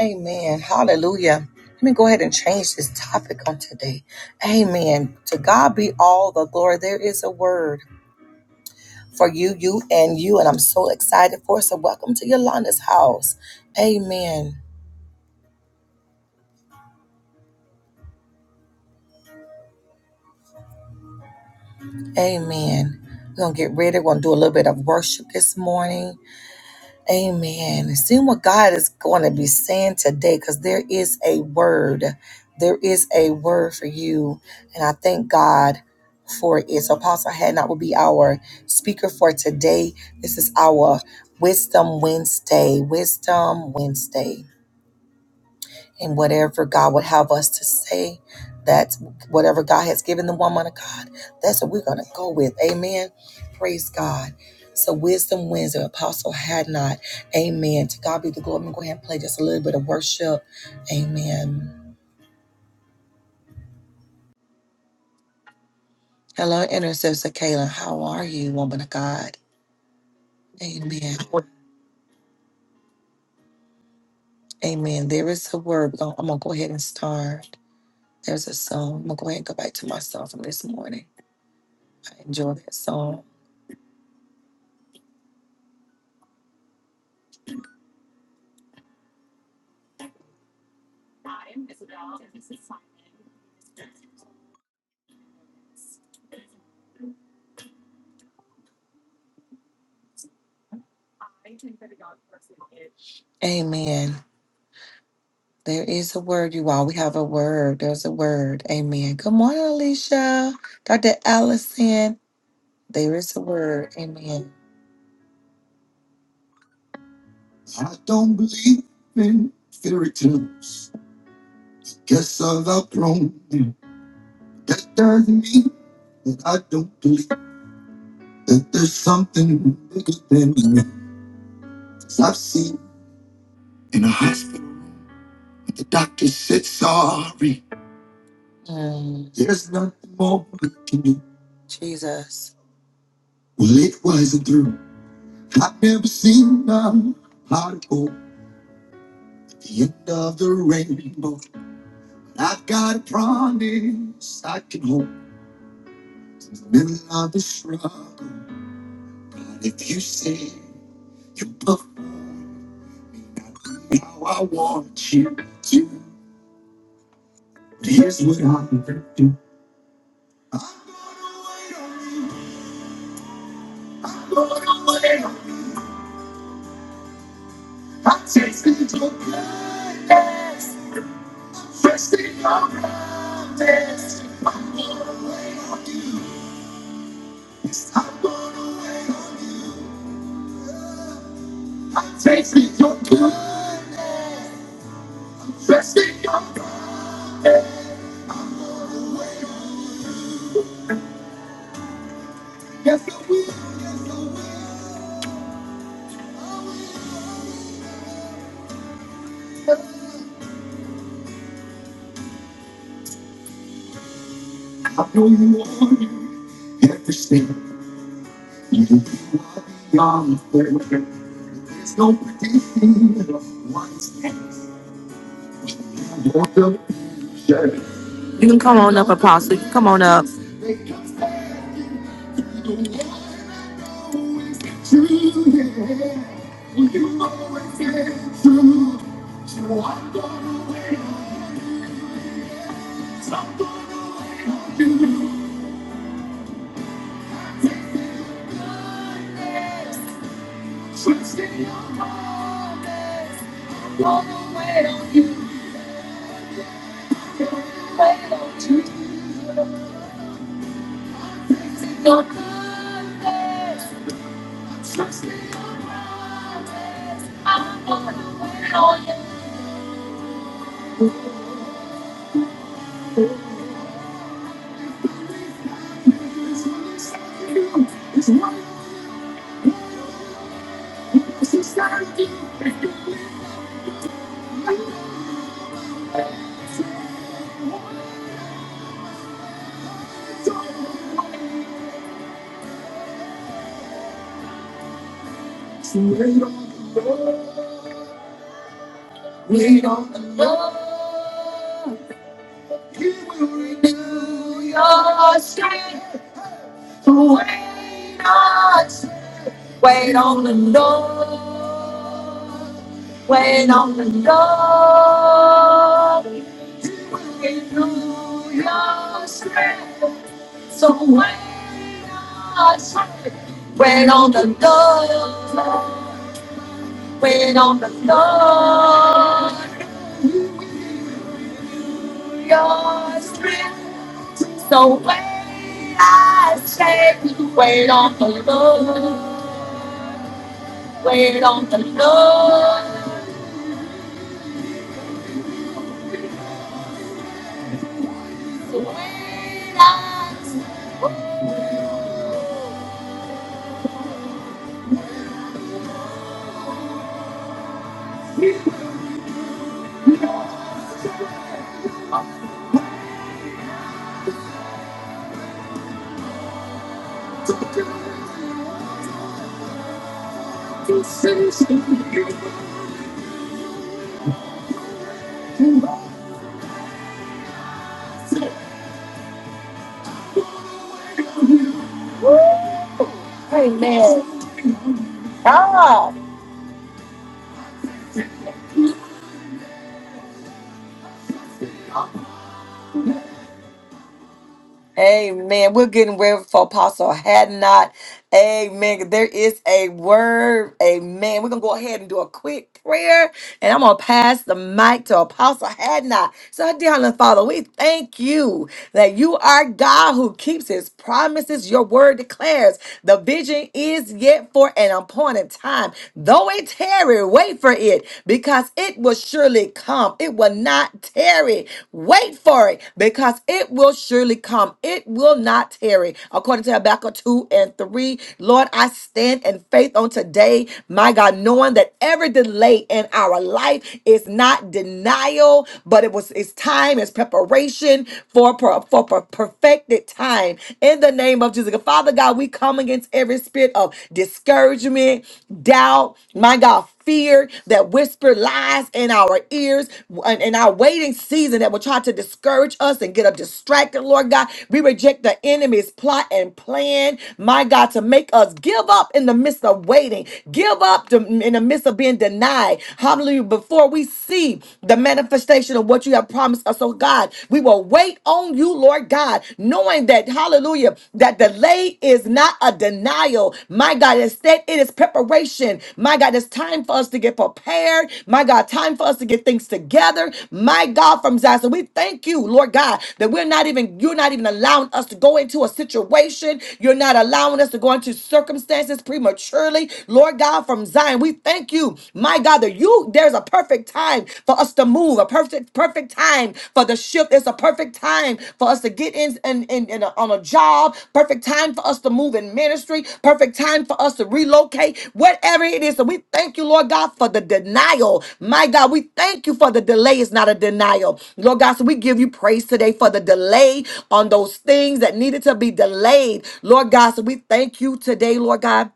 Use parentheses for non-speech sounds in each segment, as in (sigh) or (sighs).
Amen. Hallelujah. Let me go ahead and change this topic on today. Amen. To God be all the glory. There is a word for you, you, and you. And I'm so excited for it. So welcome to Yolanda's house. Amen. Amen. We're going to get ready. We're going to do a little bit of worship this morning. Amen. And See what God is going to be saying today because there is a word. There is a word for you. And I thank God for it. So, Apostle Hadnot will be our speaker for today. This is our Wisdom Wednesday. Wisdom Wednesday and whatever God would have us to say, that's whatever God has given the woman of God, that's what we're going to go with. Amen. Praise God. So wisdom wins and apostle had not. Amen. To God be the glory. I'm going to go ahead and play just a little bit of worship. Amen. Hello, intercessor Kayla. How are you, woman of God? Amen. Amen. There is a word. We're gonna- I'm going to go ahead and start. There's a song. I'm going to go ahead and go back to my song from this morning. I enjoy that song. Amen. There is a word, you all. We have a word. There's a word. Amen. Good morning, Alicia. Dr. Allison. There is a word. Amen. I don't believe in fairy tales. Guess I've outgrown them. That doesn't mean that I don't believe that there's something bigger than me. 'Cause I've seen in a hospital, the doctor said sorry. Mm. There's nothing more we can do. Jesus. Well, it wasn't through. I've never seen a particle at the end of the rainbow. I've got a promise I can hold in the middle of the struggle. But if you say you perform how I want you to, here's what I'm gonna do. I'm gonna wait on you. I'm gonna wait on you. I tasted your goodness. Resting on promise. I'm gonna wait on you. Yes, I'm gonna wait on you. I'm tasting your love. Resting on yes, I will. I know you want it. everything. You got me there. There's no predicting what's happening. You're the future. You can come on up, Apostle. You can come on up. They come back. You always get through. So I'm gonna wait on something. Trust in your heart, baby. I'm gonna wait on you, baby. Trust in your heart, baby. I'm gonna wait on you. You always get through. It's one of those things that you believe in. So wait on the Lord, wait on the Lord. He will renew your strength. So wait on, wait on the Lord, wait on the Lord. He will renew your strength. So wait on, wait on the Lord, wait on the Lord. yours is. So wait, I say, wait on the Lord, wait on the Lord, wait on. Amen. God. Amen. We're getting ready for Apostle Had Not. Amen. There is a word. Amen. We're going to go ahead and do a quick prayer. And I'm going to pass the mic to Apostle Had Not. So, dear Heavenly Father, we thank you that you are God who keeps his promises. Your word declares the vision is yet for an appointed time. Though it tarry, wait for it because it will surely come. It will not tarry. Wait for it because it will surely come. It will not tarry. According to Habakkuk 2 and 3, Lord, I stand in faith on today, my God, knowing that every delay in our life is not denial, but it was it's time, it's preparation for, per- for, per- perfected time. In the name of Jesus. Father God, we come against every spirit of discouragement discouragement, doubt, my God, fear that whispered lies in our ears and in our waiting season that will try to discourage us and get us distracted, Lord God. We reject the enemy's plot and plan, my God, to make us give up in the midst of waiting, give up to- in the midst of being denied. Hallelujah. Before we see the manifestation of what you have promised us, oh God, we will wait on you, Lord God. God, knowing that, hallelujah, that delay is not a denial. My God, instead, it is preparation. My God, it's time for us to get prepared. My God, time for us to get things together. My God, from Zion. So we thank you, Lord God, that we're not even, you're not even allowing us to go into a situation. You're not allowing us to go into circumstances prematurely. Lord God, from Zion, we thank you, my God, that you, there's a perfect time time for us to move, a perfect, perfect time for the shift. It's a perfect time for us to get in, in, in, in a- on a job, perfect time for us to move in ministry, perfect time for us to relocate, whatever it is. So we thank you, Lord God, for the denial. My God, we thank you for the delay. It's not a denial. Lord God, so we give you praise today for the delay on those things that needed to be delayed. Lord God, so we thank you today, Lord God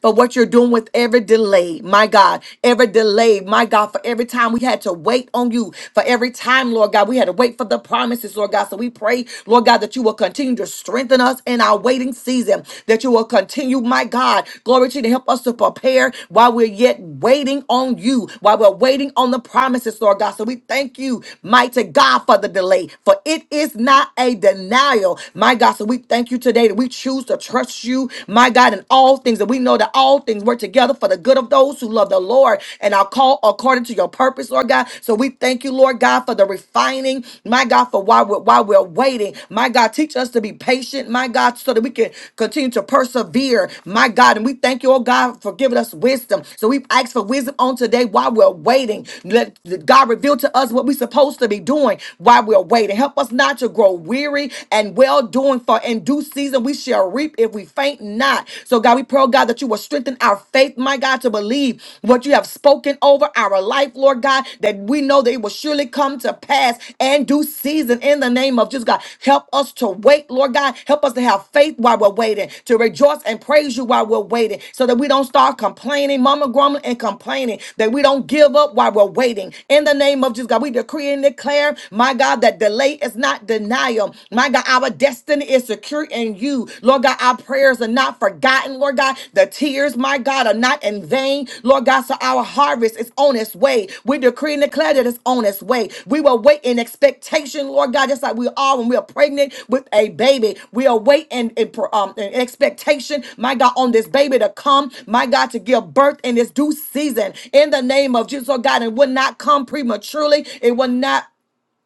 for what you're doing with every delay, my God, every delay, my God, for every time we had to wait on you, for every time, Lord God, we had to wait for the promises, Lord God. So we pray, Lord God, that you will continue to strengthen us in our waiting season, that you will continue, my God, glory to you, to help us to prepare while we're yet waiting on you, while we're waiting on the promises, Lord God. So we thank you, mighty God, for the delay, for it is not a denial, my God. So we thank you today that we choose to trust you trust you, my God, in all things. And we know that all things work together for the good of those who love the Lord and are called according to your purpose, Lord God. So we thank you, Lord God, for the refining, my God, for while we're, while we're waiting. My God, teach us to be patient, my God, so that we can continue to persevere, my God. And we thank you, oh God, for giving us wisdom. So we ask for wisdom on today while we're waiting. Let God reveal to us what we're supposed to be doing while we're waiting. Help us not to grow weary and well doing for in due season we shall reap if we faint not. So God, we pray, oh God, that you will strengthen our faith, my God, to believe what you have spoken over our life, Lord God, that we know that it will surely come to pass and due season in the name of Jesus, God. Help us to wait, Lord God. Help us to have faith while we're waiting, to rejoice and praise you while we're waiting, so that we don't start complaining, mama grumbling and complaining, that we don't give up while we're waiting. In the name of Jesus, God, we decree and declare, my God, that delay is not denial not denial. My God, our destiny is secure in you. Lord God, our prayers are not forgotten. Lord God, the tears, my God, are not in vain. Lord God, so our harvest is on its way. We decree and declare that it's on its way. We will wait in expectation, Lord God, just like we are when we are pregnant with a baby. We are waiting in, um, in expectation, my God, on this baby to come, my God, to give birth in this due season in the name of Jesus, oh God. It will not come prematurely. It will not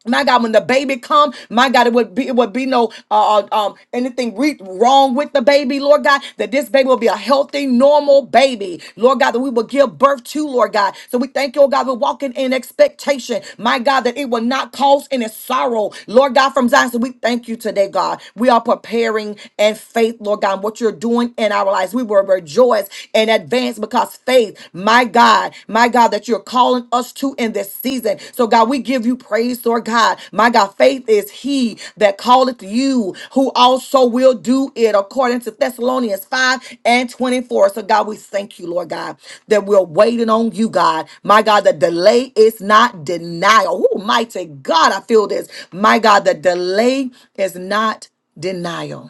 my God, when the baby come, my God, it would be it would be no uh, uh, um anything re- wrong with the baby, Lord God. That this baby will be a healthy, normal baby, Lord God. That we will give birth to, Lord God. So we thank you, oh God. We're walking in expectation, my God, that it will not cause any sorrow, Lord God, from Zion. So we thank you today, God. We are preparing and faith, Lord God, what you're doing in our lives. We will rejoice and advance because faith my God, my God, that you're calling us to in this season. So, God, we give you praise, Lord God. My God, faith is He that calleth you, who also will do it, according to Thessalonians 5 and 24. So, God, we thank you, Lord God, that we're waiting on you, God. My God, the delay is not denial. Oh, mighty God, I feel this. My God, the delay is not denial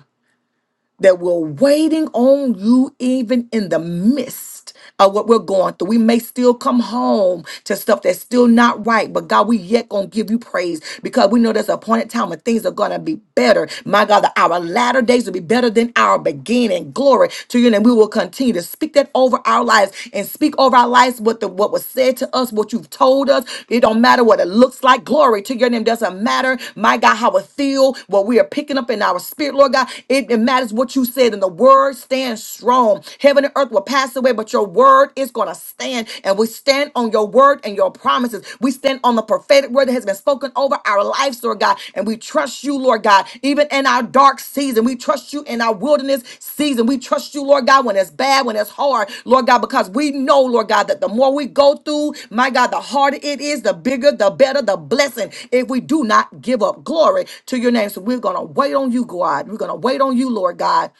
that we're waiting on you even in the midst of what we're going through. We may still come home to stuff that's still not right, but God, we yet gonna give you praise because we know there's a point in time when things are gonna be better. My God, that our latter days will be better than our beginning. Glory to you, and we will continue to speak that over our lives and speak over our lives lives, what the what was said to us, what you've told us. It don't matter what it looks like. Glory to your name. Doesn't matter, my God, how it feel, what we are picking up in our spirit, Lord God. It, it matters what you said in the word. Stand strong. Heaven and earth will pass away, but your word is gonna stand. And we stand on your word and your promises. We stand on the prophetic word that has been spoken over our our lives, Lord God. And we trust you, Lord God, even in our dark season. We trust you in our wilderness season. We trust you, Lord God, when it's bad, when it's hard, Lord God, because we know, Lord God, that the more we go through, my God, the harder it is, the bigger, the better, the blessing. If we do not give up, glory to your name. So we're going to wait on you, God. We're going to wait on you, Lord God,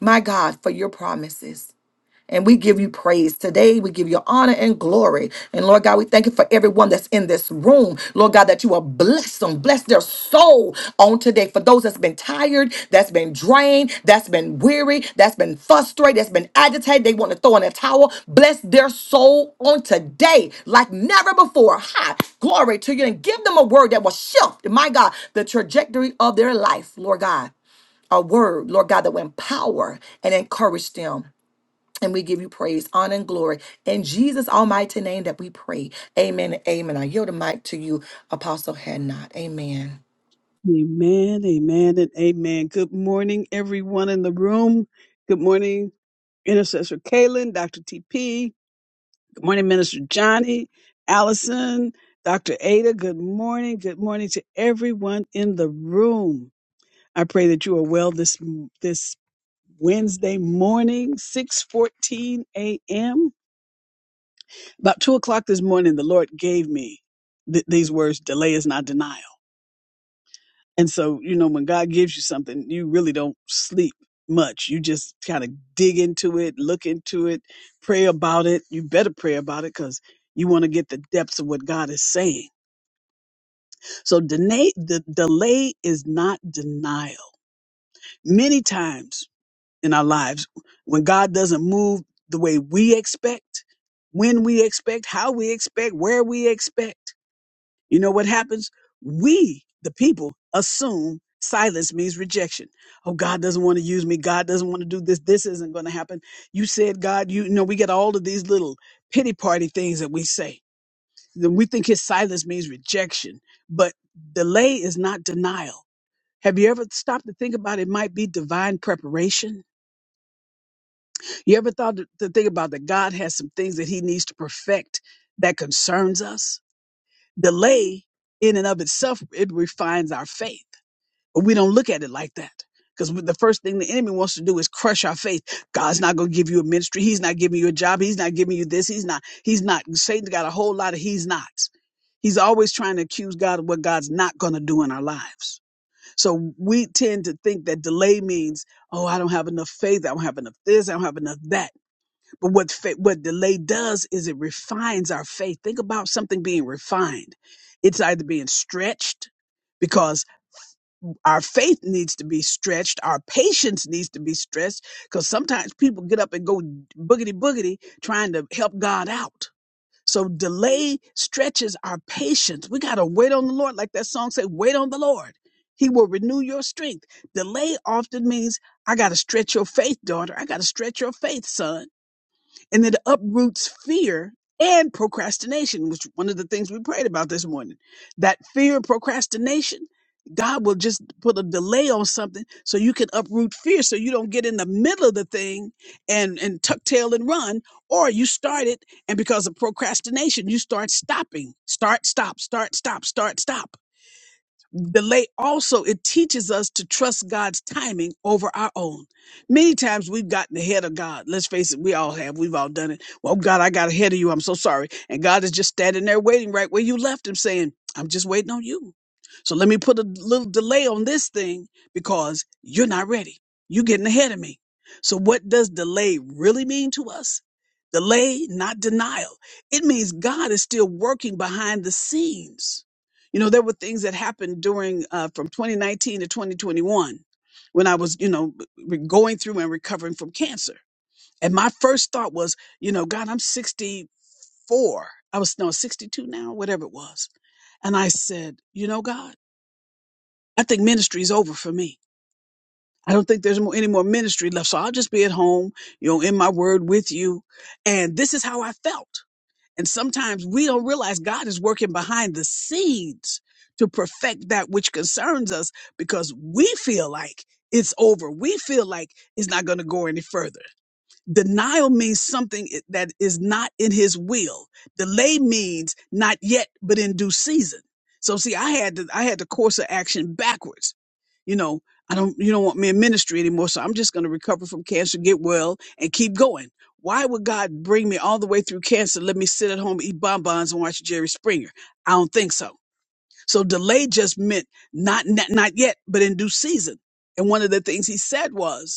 my God, for your promises. And we give you praise today. We give you honor and glory. And Lord God, we thank you for everyone that's in this room. Lord God, that you will bless them, bless their soul on today. For those that's been tired, that's been drained, that's been weary, that's been frustrated, that's been agitated, they want to throw in a towel. Bless their soul on today like never before. Hi, glory to you. And give them a word that will shift, my God, the trajectory of their life, Lord God a word, Lord God, that will empower and encourage them. And we give you praise, honor, and glory in Jesus' almighty name that we pray. Amen. and Amen. I yield the mic to you, Apostle Had Amen. Amen, amen, and amen. Good morning, everyone in the room. Good morning, Intercessor Kaylin, Dr. TP. Good morning, Minister Johnny, Allison, Dr. Ada. Good morning. Good morning to everyone in the room. I pray that you are well this this Wednesday morning, 6:14 a.m. About two o'clock this morning, the Lord gave me th- these words, delay is not denial. And so, you know, when God gives you something, you really don't sleep much. You just kind of dig into it, look into it, pray about it. You better pray about it because you want to get the depths of what God is saying. So delay, the delay is not denial. Many times in our lives, when God doesn't move the way we expect, when we expect, how we expect, where we expect, You know what happens? We, the people, assume silence means rejection. Oh, God doesn't want to use me. God doesn't want to do this. This isn't going to happen. You said, God, you, you know, we get all of these little pity party things that we say. Then we think his silence means rejection, but delay is not denial. Have you ever stopped to think about it might be divine preparation? You ever thought to to think about that God has some things that he needs to perfect that concerns us? delay in and of itself it refines our faith but we don't look at it like that because the first thing the enemy wants to do is crush our faith god's not going to give you a ministry he's not giving you a job he's not giving you this he's not he's not satan's got a whole lot of he's nots. he's always trying to accuse god of what god's not going to do in our lives so we tend to think that delay means oh i don't have enough faith i don't have enough this i don't have enough that but what fa- what delay does is it refines our faith. Think about something being refined. It's either being stretched because our faith needs to be stretched, our patience needs to be stretched because sometimes people get up and go boogity boogity trying to help God out. So delay stretches our patience. We got to wait on the Lord like that song said, wait on the Lord. He will renew your strength. Delay often means I got to stretch your faith, daughter. I got to stretch your faith, son and it uproots fear and procrastination, which one of the things we prayed about this morning. That fear, procrastination, God will just put a delay on something so you can uproot fear, so you don't get in the middle of the thing and and tuck tail and run, or you start it and because of procrastination, you start stopping, start, stop, start, stop, start, stop delay also it teaches us to trust god's timing over our own many times we've gotten ahead of god let's face it we all have we've all done it well god i got ahead of you i'm so sorry and god is just standing there waiting right where you left him saying i'm just waiting on you so let me put a little delay on this thing because you're not ready you're getting ahead of me so what does delay really mean to us delay not denial it means god is still working behind the scenes you know, there were things that happened during uh, from 2019 to 2021 when I was, you know, re- going through and recovering from cancer. And my first thought was, you know, God, I'm 64. I was no 62 now, whatever it was. And I said, you know, God, I think ministry is over for me. I don't think there's mo- any more ministry left. So I'll just be at home, you know, in my word with you. And this is how I felt. And sometimes we don't realize God is working behind the scenes to perfect that which concerns us because we feel like it's over. We feel like it's not going to go any further. Denial means something i- that is not in his will. Delay means not yet, but in due season. So see, I had to, I had the course of action backwards. You know, I don't, you don't want me in ministry anymore. So I'm just going to recover from cancer, get well and keep going. Why would God bring me all the way through cancer? Let me sit at home, eat bonbons and watch Jerry Springer. I don't think so. So delay just meant not, not, not yet, but in due season. And one of the things he said was,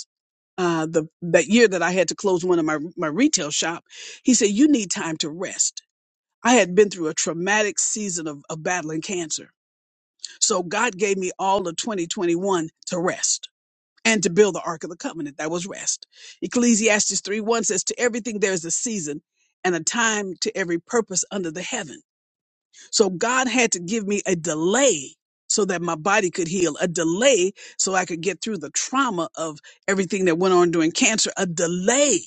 uh, the that year that I had to close one of my my retail shop, he said, "You need time to rest." I had been through a traumatic season of, of battling cancer, so God gave me all of 2021 to rest and to build the Ark of the Covenant. That was rest. Ecclesiastes three one says, "To everything there is a season and a time to every purpose under the heaven." So God had to give me a delay so that my body could heal, a delay so I could get through the trauma of everything that went on during cancer, a delay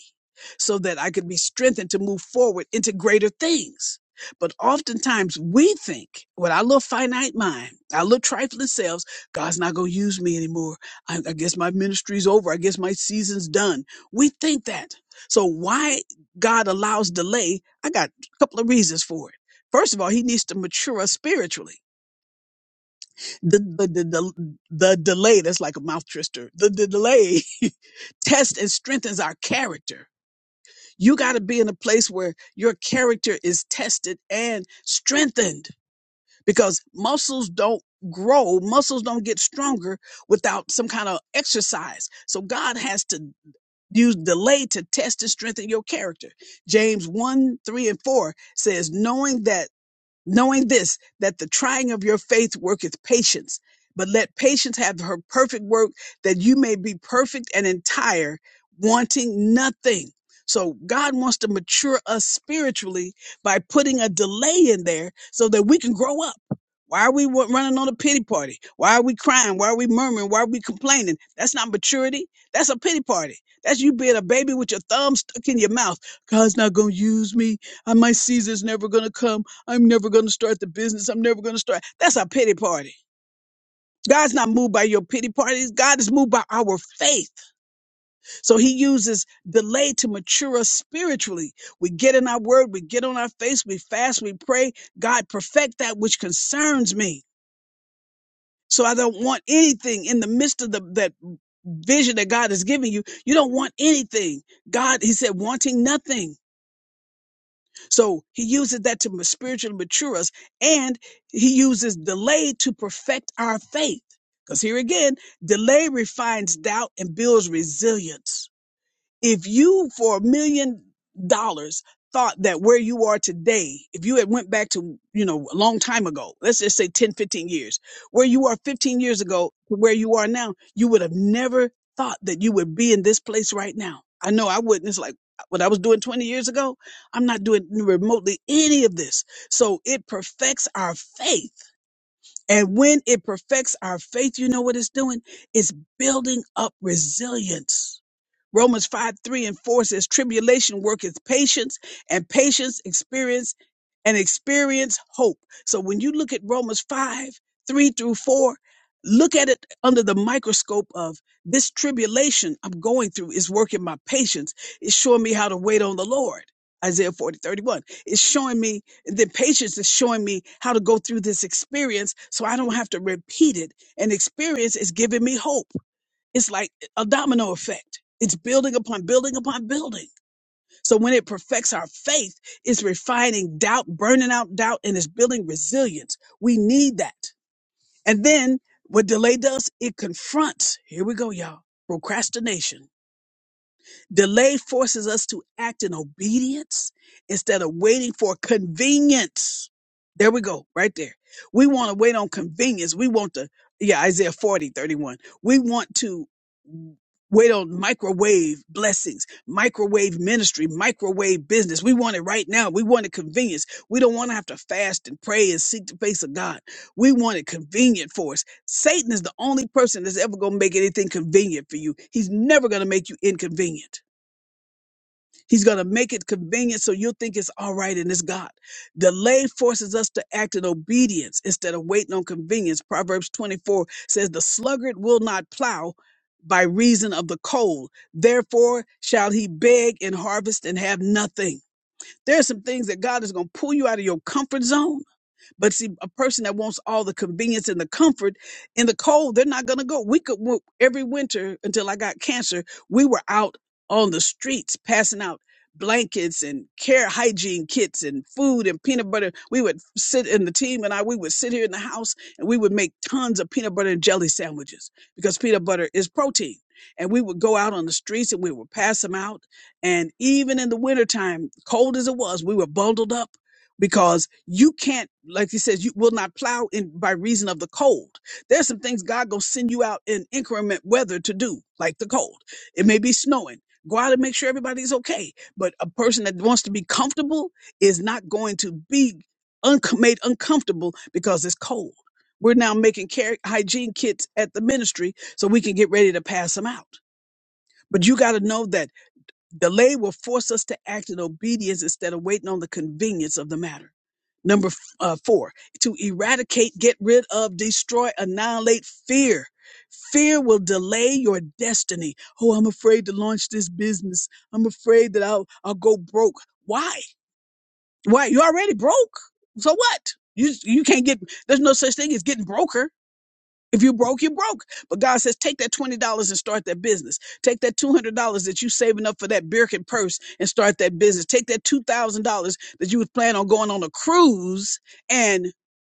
so that I could be strengthened to move forward into greater things. But oftentimes we think with our little finite mind, our little trifling selves, God's not going to use me anymore. I, I guess my ministry's over. I guess my season's done. We think that. So why God allows delay? I got a couple of reasons for it. First of all, he needs to mature us spiritually. The the the, the, the delay, that's like a mouth twister. The, the delay (laughs) tests and strengthens our character. You got to be in a place where your character is tested and strengthened because muscles don't grow, muscles don't get stronger without some kind of exercise. So God has to use delay to test and strengthen your character. James 1, 3, and 4 says, knowing that knowing this, that the trying of your faith worketh patience. But let patience have her perfect work, that you may be perfect and entire, wanting nothing. So God wants to mature us spiritually by putting a delay in there so that we can grow up. Why are we wa- running on a pity party? Why are we crying? Why are we murmuring? Why are we complaining? That's not maturity. That's a pity party. That's you being a baby with your thumb stuck in your mouth. God's not going to use me. I, my Caesar's never going to come. I'm never going to start the business. I'm never going to start. That's a pity party. God's not moved by your pity parties. God is moved by our faith. So he uses delay to mature us spiritually. We get in our word, we get on our face, we fast, we pray. God, perfect that which concerns me. So I don't want anything in the midst of the, that vision that God has given you. You don't want anything. God, he said, wanting nothing. So he uses that to ma- spiritually mature us, and he uses delay to perfect our faith. Because here again, delay refines doubt and builds resilience if you for a million dollars thought that where you are today if you had went back to you know a long time ago let's just say ten, fifteen years where you are 15 years ago to where you are now you would have never thought that you would be in this place right now i know i wouldn't it's like uh, what i was doing 20 years ago i'm not doing remotely any of this so it perfects our faith and when it perfects our faith you know what it's doing it's building up resilience Romans 5 3 and 4 says, Tribulation worketh patience, and patience experience and experience hope. So when you look at Romans 5 3 through 4, look at it under the microscope of this tribulation I'm going through is working my patience. It's showing me how to wait on the Lord. Isaiah forty thirty one 31. It's showing me the patience is showing me how to go through this experience so I don't have to repeat it. And experience is giving me hope. It's like a domino effect. It's building upon building upon building. So when it perfects our faith, it's refining doubt, burning out doubt, and it's building resilience. We need that. And then what delay does, it confronts, here we go, y'all, procrastination Delay forces us to act in obedience instead of waiting for convenience. There we go, right there. We want to wait on convenience. We want to, yeah, Isaiah 40 31. We want to wait on microwave blessings, microwave ministry, microwave business. We want it right now. We want it convenience. We don't want to have to fast and pray and seek the face of God. We want it convenient for us. Satan is the only person that's ever going to make anything convenient for you. He's never going to make you inconvenient. He's going to make it convenient so you'll think it's all right and it's God. Delay forces us to act in obedience instead of waiting on convenience. Proverbs 24 says, The sluggard will not plow by reason of the cold. Therefore shall he beg and harvest and have nothing. There are some things that God is going to pull you out of your comfort zone but see, a person that wants all the convenience and the comfort in the cold, they're not going to go. We could wo- every winter until I got cancer, we were out on the streets passing out blankets and care hygiene kits and food and peanut butter. We would sit in the team and I, we would sit here in the house and we would make tons of peanut butter and jelly sandwiches because peanut butter is protein. And we would go out on the streets and we would pass them out. And even in the wintertime, cold as it was, we were bundled up because you can't, like he says, you will not plow in by reason of the cold. There's some things God gonna send you out in increment weather to do, like the cold. It may be snowing. Go out and make sure everybody's okay. But a person that wants to be comfortable is not going to be un- made uncomfortable because it's cold. We're now making care- hygiene kits at the ministry so we can get ready to pass them out. But you got to know that Delay will force us to act in obedience instead of waiting on the convenience of the matter. Number f- uh, four, to eradicate, get rid of, destroy, annihilate fear. Fear will delay your destiny. Oh, I'm afraid to launch this business. I'm afraid that I'll I'll go broke. Why? Why? You already broke. So what? You you can't get. There's no such thing as getting broker if you broke, you broke. But God says, take that $20 and start that business. Take that $200 that you saving up for that Birkin purse and start that business. Take that $2,000 that you was planning on going on a cruise and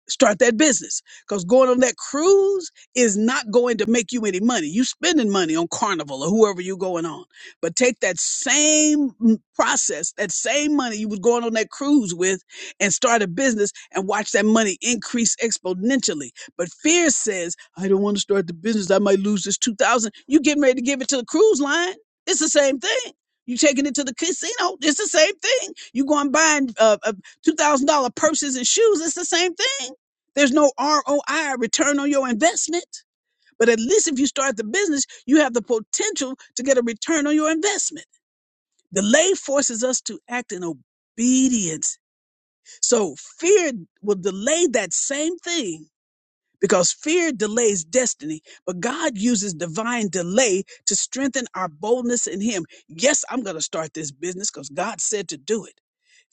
start that business. Because going on that cruise is not going to make you any money. You spending money on Carnival or whoever you going on. But take that same mm, process, that same money you was going on that cruise with and start a business and watch that money increase exponentially but fear says, I don't want to start the business. I might lose this 2000. You getting ready to give it to the cruise line. It's the same thing. You taking it to the casino. It's the same thing. You going buying uh, uh, $2,000 purses and shoes. It's the same thing. There's no ROI, return on your investment. But at least if you start the business, you have the potential to get a return on your investment. Delay forces us to act in obedience. So fear will delay that same thing because fear delays destiny, but God uses divine delay to strengthen our boldness in Him. Yes, I'm going to start this business because God said to do it.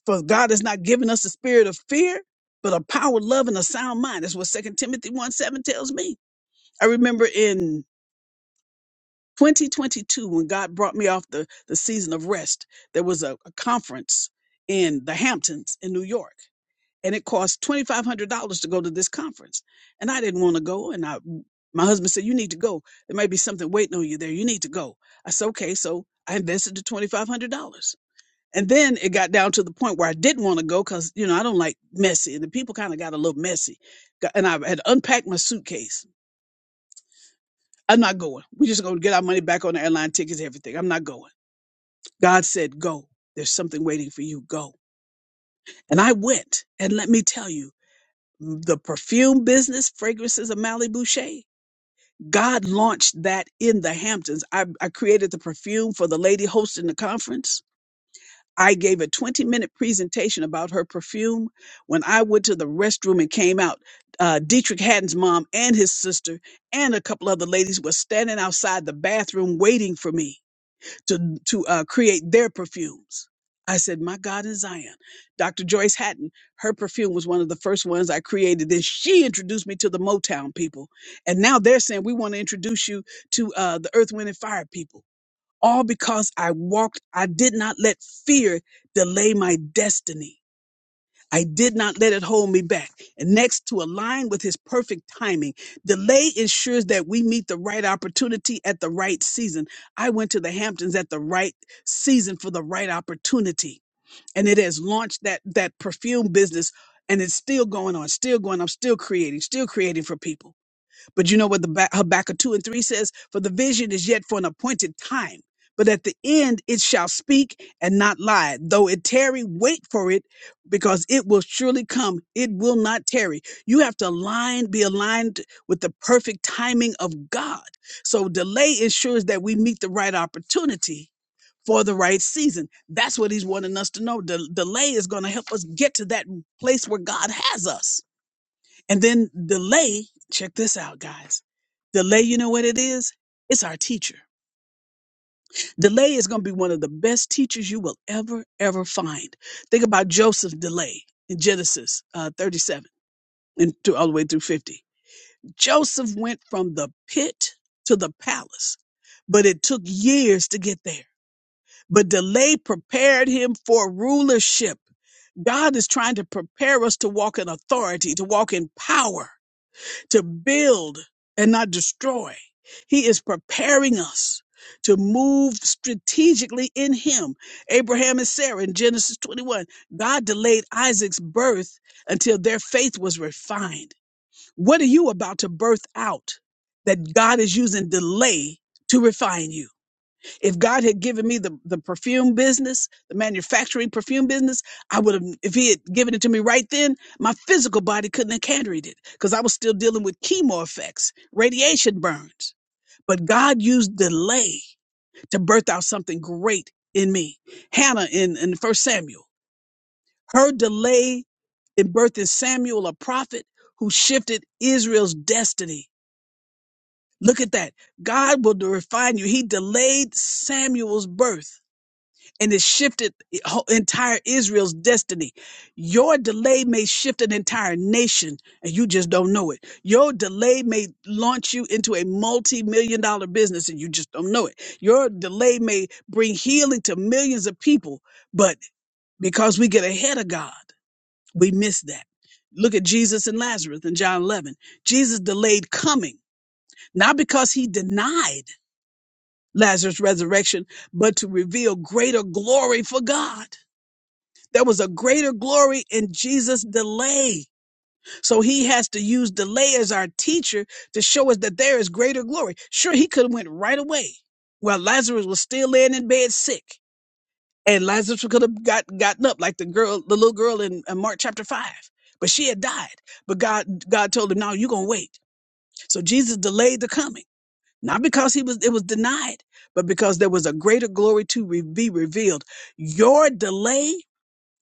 For God has not given us a spirit of fear, but a power, love, and a sound mind. That's what Second Timothy 1 7 tells me. I remember in 2022, when God brought me off the, the season of rest, there was a, a conference in the Hamptons in New York and it cost twenty five hundred dollars to go to this conference. And I didn't want to go. And I, my husband said, "You need to go. There might be something waiting on you there. You need to go." I said, "Okay." So I invested the twenty five hundred dollars, and then it got down to the point where I didn't want to go because you know I don't like messy, and the people kind of got a little messy, and I had unpacked my suitcase. I'm not going. We're just gonna get our money back on the airline tickets, everything. I'm not going. God said, "Go. There's something waiting for you. Go." And I went. And let me tell you. the perfume business, fragrances of Malibu Shea. God launched that in the Hamptons. I, I created the perfume for the lady hosting the conference. I gave a 20 minute presentation about her perfume. When I went to the restroom and came out, uh, Dietrich Haddon's mom and his sister and a couple other ladies were standing outside the bathroom waiting for me to to uh, create their perfumes. I said, "My God in Zion." Dr. Joyce Hatton, her perfume was one of the first ones I created, Then she introduced me to the Motown people. And now they're saying we want to introduce you to uh, the Earth, Wind, and Fire people, all because I walked. I did not let fear delay my destiny. I did not let it hold me back. And next, to align with his perfect timing, delay ensures that we meet the right opportunity at the right season. I went to the Hamptons at the right season for the right opportunity. And it has launched that, that perfume business and it's still going on, still going. I'm still creating, still creating for people. But you know what the Ba- Habakkuk 2 and 3 says? For the vision is yet for an appointed time, but at the end it shall speak and not lie. Though it tarry, wait for it, because it will surely come. It will not tarry. You have to align, be aligned with the perfect timing of God. So delay ensures that we meet the right opportunity for the right season. That's what he's wanting us to know. Del delay is going to help us get to that place where God has us. And then delay, check this out, guys. Delay, you know what it is? It's our teacher. Delay is going to be one of the best teachers you will ever, ever find. Think about Joseph's delay in Genesis uh, 37 and to, all the way through 50. Joseph went from the pit to the palace, but it took years to get there. But delay prepared him for rulership. God is trying to prepare us to walk in authority, to walk in power to build and not destroy. He is preparing us to move strategically in Him. Abraham and Sarah in Genesis 21, God delayed Isaac's birth until their faith was refined. What are you about to birth out that God is using delay to refine you? If God had given me the, the perfume business, the manufacturing perfume business, I would have, if He had given it to me right then, my physical body couldn't have carried it because I was still dealing with chemo effects, radiation burns. But God used delay to birth out something great in me. Hannah in, in First Samuel, her delay in birthing Samuel, a prophet who shifted Israel's destiny. Look at that. God will refine you. He delayed Samuel's birth and it shifted the entire Israel's destiny. Your delay may shift an entire nation, and you just don't know it. Your delay may launch you into a multi million dollar business, and you just don't know it. Your delay may bring healing to millions of people, but because we get ahead of God, we miss that. Look at Jesus and Lazarus in John 11. Jesus delayed coming, not because he denied Lazarus' resurrection, but to reveal greater glory for God. There was a greater glory in Jesus' delay. So he has to use delay as our teacher to show us that there is greater glory. Sure, he could have went right away. while Lazarus was still laying in bed sick. And Lazarus could have got gotten up like the girl, the little girl in, in Mark chapter five. But she had died. But God God told him, No, you're gonna wait. So Jesus delayed the coming. Not because he was it was denied, but because there was a greater glory to re- be revealed. Your delay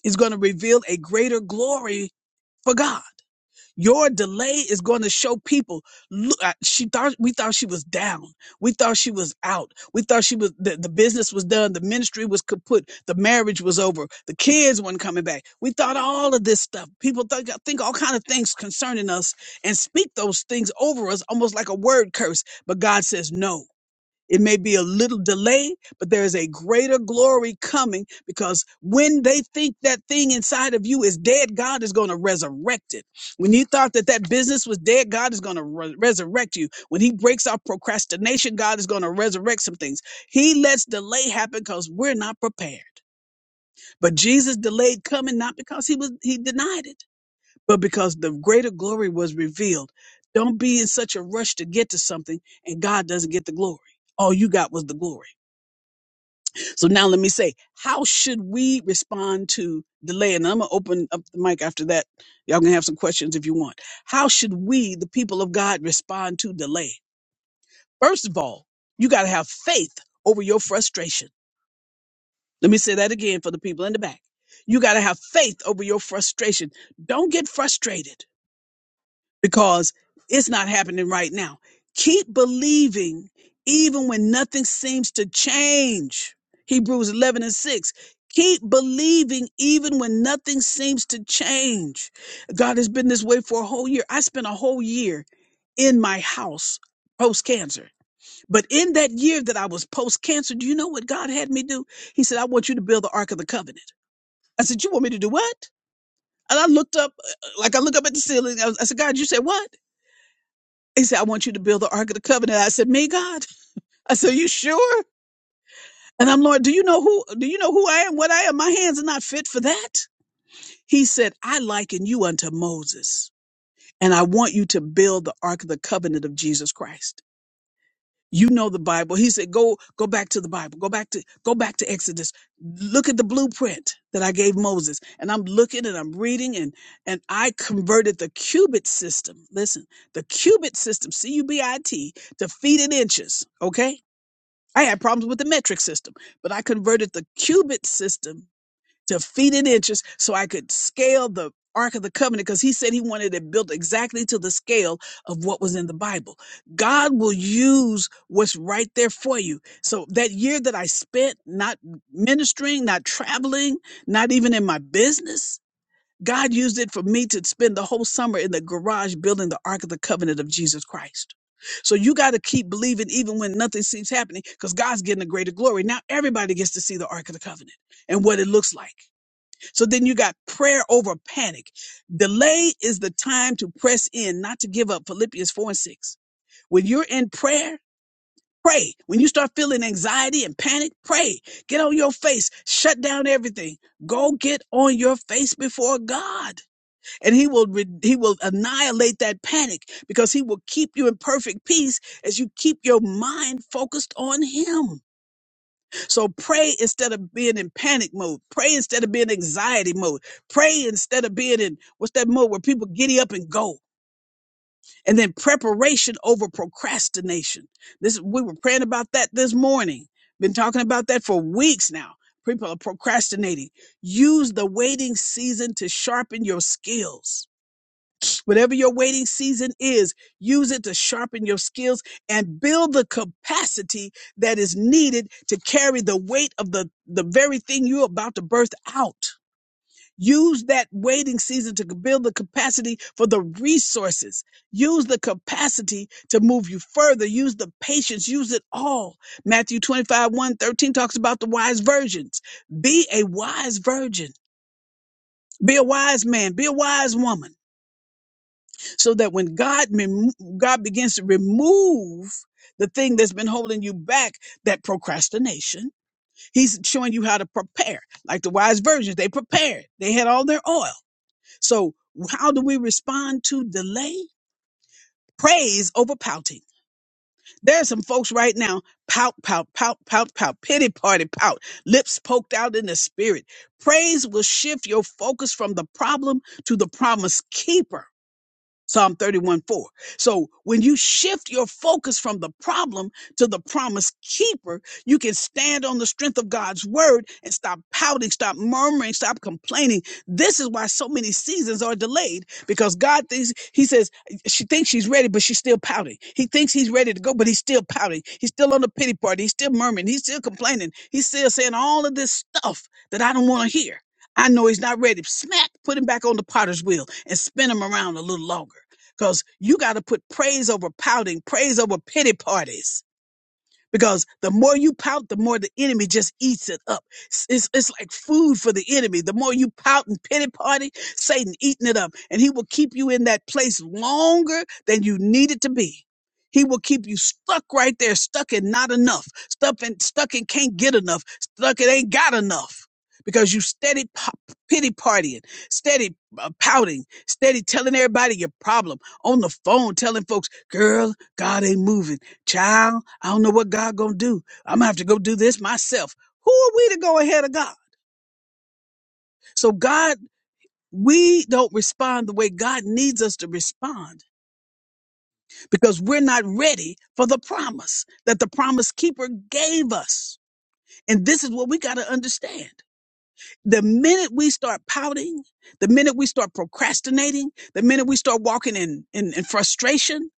is going to reveal a greater glory for God. Your delay is going to show people. Look, I- she thought we thought she was down. We thought she was out. We thought she was the, the business was done. The ministry was kaput. The marriage was over. The kids weren't coming back. We thought all of this stuff. People think, think all kind of things concerning us and speak those things over us almost like a word curse. But God says no. It may be a little delay, but there is a greater glory coming because when they think that thing inside of you is dead, God is going to resurrect it. When you thought that that business was dead, God is going to re- resurrect you. When He breaks our procrastination, God is going to resurrect some things. He lets delay happen because we're not prepared. But Jesus delayed coming not because He was He denied it, but because the greater glory was revealed. Don't be in such a rush to get to something, and God doesn't get the glory. All you got was the glory. So now let me say, how should we respond to delay? And I'm gonna open up the mic after that. Y'all can have some questions if you want. How should we, the people of God, respond to delay? First of all, you gotta have faith over your frustration. Let me say that again for the people in the back. You gotta have faith over your frustration. Don't get frustrated because it's not happening right now. Keep believing even when nothing seems to change. Hebrews 11 and 6. Keep believing even when nothing seems to change. God has been this way for a whole year. I spent a whole year in my house post cancer. But in that year that I was post cancer, do you know what God had me do? He said, I want you to build the Ark of the Covenant. I said, You want me to do what? And I looked up, uh, like I look up at the ceiling. I, was- I said, God, you said what? He said, I want you to build the Ark of the Covenant. I said, Me, God? I said, You sure? And I'm Lord, do you know who do you know who I am? What I am? My hands are not fit for that. He said, I liken you unto Moses, and I want you to build the Ark of the Covenant of Jesus Christ. you know the bible he said go go back to the bible go back to go back to exodus look at the blueprint that i gave moses and i'm looking and i'm reading and and i converted the cubit system listen the cubit system c-u-b-i-t to feet and inches okay i had problems with the metric system but i converted the cubit system defeated interest so I could scale the Ark of the Covenant because he said he wanted it built exactly to the scale of what was in the Bible. God will use what's right there for you. So that year that I spent not ministering, not traveling, not even in my business, God used it for me to spend the whole summer in the garage building the Ark of the Covenant of Jesus Christ. So you got to keep believing even when nothing seems happening because God's getting a greater glory. Now everybody gets to see the Ark of the Covenant and what it looks like. So then you got prayer over panic. Delay is the time to press in, not to give up. Philippians 4 and 6. When you're in prayer, pray. When you start feeling anxiety and panic, pray. Get on your face, shut down everything. Go get on your face before God. And he will re- he will annihilate that panic because he will keep you in perfect peace as you keep your mind focused on him. So pray instead of being in panic mode. Pray instead of being in anxiety mode. Pray instead of being in what's that mode where people giddy up and go. And then preparation over procrastination. This we were praying about that this morning. Been talking about that for weeks now. People are procrastinating. Use the waiting season to sharpen your skills Whatever your waiting season is, use it to sharpen your skills and build the capacity that is needed to carry the weight of the, the very thing you're about to birth out. Use that waiting season to build the capacity for the resources. Use the capacity to move you further. Use the patience. Use it all. Matthew 25, one 13 talks about the wise virgins. Be a wise virgin. Be a wise man. Be a wise woman so that when God rem- God begins to remove the thing that's been holding you back, that procrastination, He's showing you how to prepare. Like the wise virgins, they prepared. They had all their oil. So how do we respond to delay? Praise over pouting. There are some folks right now pout, pout, pout, pout, pout, pity party, pout, lips poked out in the spirit. Praise will shift your focus from the problem to the promise keeper. Psalm 31 4. So when you shift your focus from the problem to the promise keeper, you can stand on the strength of God's word and stop pouting, stop murmuring, stop complaining. This is why so many seasons are delayed because God thinks, He says, she thinks she's ready, but she's still pouting. He thinks he's ready to go, but he's still pouting. He's still on the pity party. He's still murmuring. He's still complaining. He's still saying all of this stuff that I don't want to hear. I know he's not ready. Smack, put him back on the potter's wheel and spin him around a little longer. Because you got to put praise over pouting, praise over pity parties because the more you pout, the more the enemy just eats it up. S- It's, it's like food for the enemy. The more you pout and pity party, Satan eating it up, and he will keep you in that place longer than you need it to be. He will keep you stuck right there, stuck in not enough, stuck in, stuck in can't get enough, stuck in ain't got enough. Because you steady pop, pity partying, steady uh, pouting, steady telling everybody your problem on the phone, telling folks, girl, God ain't moving child, I don't know what God gonna do. I'm gonna have to go do this myself. Who are we to go ahead of God? So God, we don't respond the way God needs us to respond because we're not ready for the promise that the promise keeper gave us. And this is what we got to understand. The minute we start pouting, the minute we start procrastinating, the minute we start walking in, in, in frustration,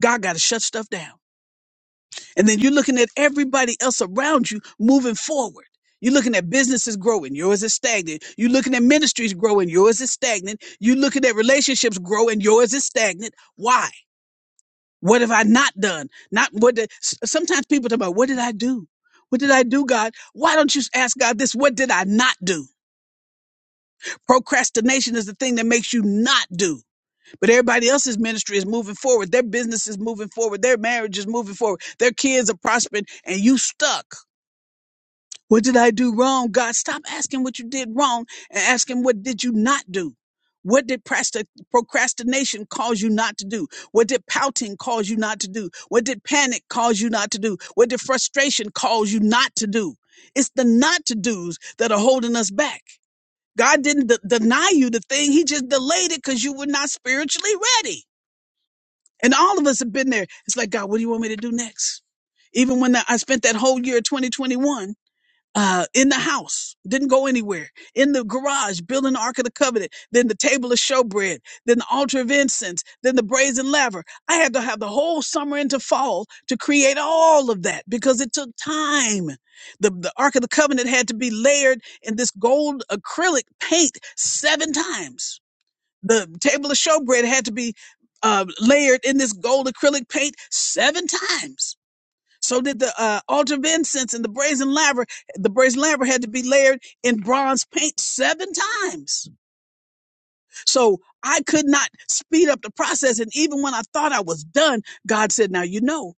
God got to shut stuff down. And then you're looking at everybody else around you moving forward. You're looking at businesses growing, yours is stagnant. You're looking at ministries growing, yours is stagnant. You're looking at relationships growing, yours is stagnant. Why? What have I not done? Not what did, s- sometimes people talk about, what did I do? What did I do, God? Why don't you ask God this? What did I not do? Procrastination is the thing that makes you not do. But everybody else's ministry is moving forward. Their business is moving forward. Their marriage is moving forward. Their kids are prospering and you stuck. What did I do wrong? God, stop asking what you did wrong and ask him what did you not do? What did prasti- procrastination cause you not to do? What did pouting cause you not to do? What did panic cause you not to do? What did frustration cause you not to do? It's the not to do's that are holding us back. God didn't de- deny you the thing. He just delayed it because you were not spiritually ready. And all of us have been there. It's like, God, what do you want me to do next? Even when I I spent that whole year of 2021 uh, in the house, didn't go anywhere, in the garage, building the Ark of the Covenant, then the table of showbread, then the altar of incense, then the brazen laver. I had to have the whole summer into fall to create all of that because it took time. The, the Ark of the Covenant had to be layered in this gold acrylic paint seven times. The table of showbread had to be uh, layered in this gold acrylic paint seven times so did the uh, altar of incense and the brazen laver. The brazen laver had to be layered in bronze paint seven times. So I could not speed up the process. And even when I thought I was done, God said, now, you know,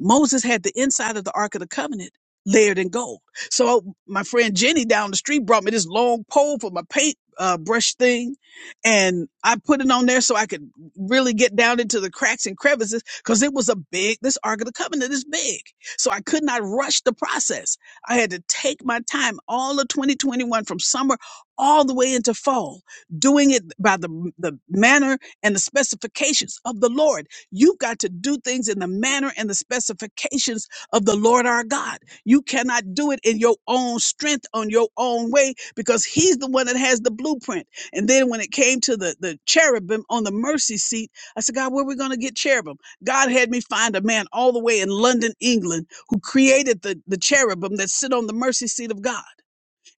Moses had the inside of the Ark of the Covenant layered in gold. So my friend Jenny down the street brought me this long pole for my paint uh, brush thing. And I put it on there so I could really get down into the cracks and crevices because it was a big, this Ark of the Covenant is big. So I could not rush the process. I had to take my time all of 2021 from summer all the way into fall doing it by the, the manner and the specifications of the Lord. You've got to do things in the manner and the specifications of the Lord our God. You cannot do it in your own strength, on your own way, because He's the one that has the blueprint. And then when it came to the, the cherubim on the mercy seat, I said, God, where are we going to get cherubim? God had me find a man all the way in London, England, who created the, the cherubim that sit on the mercy seat of God.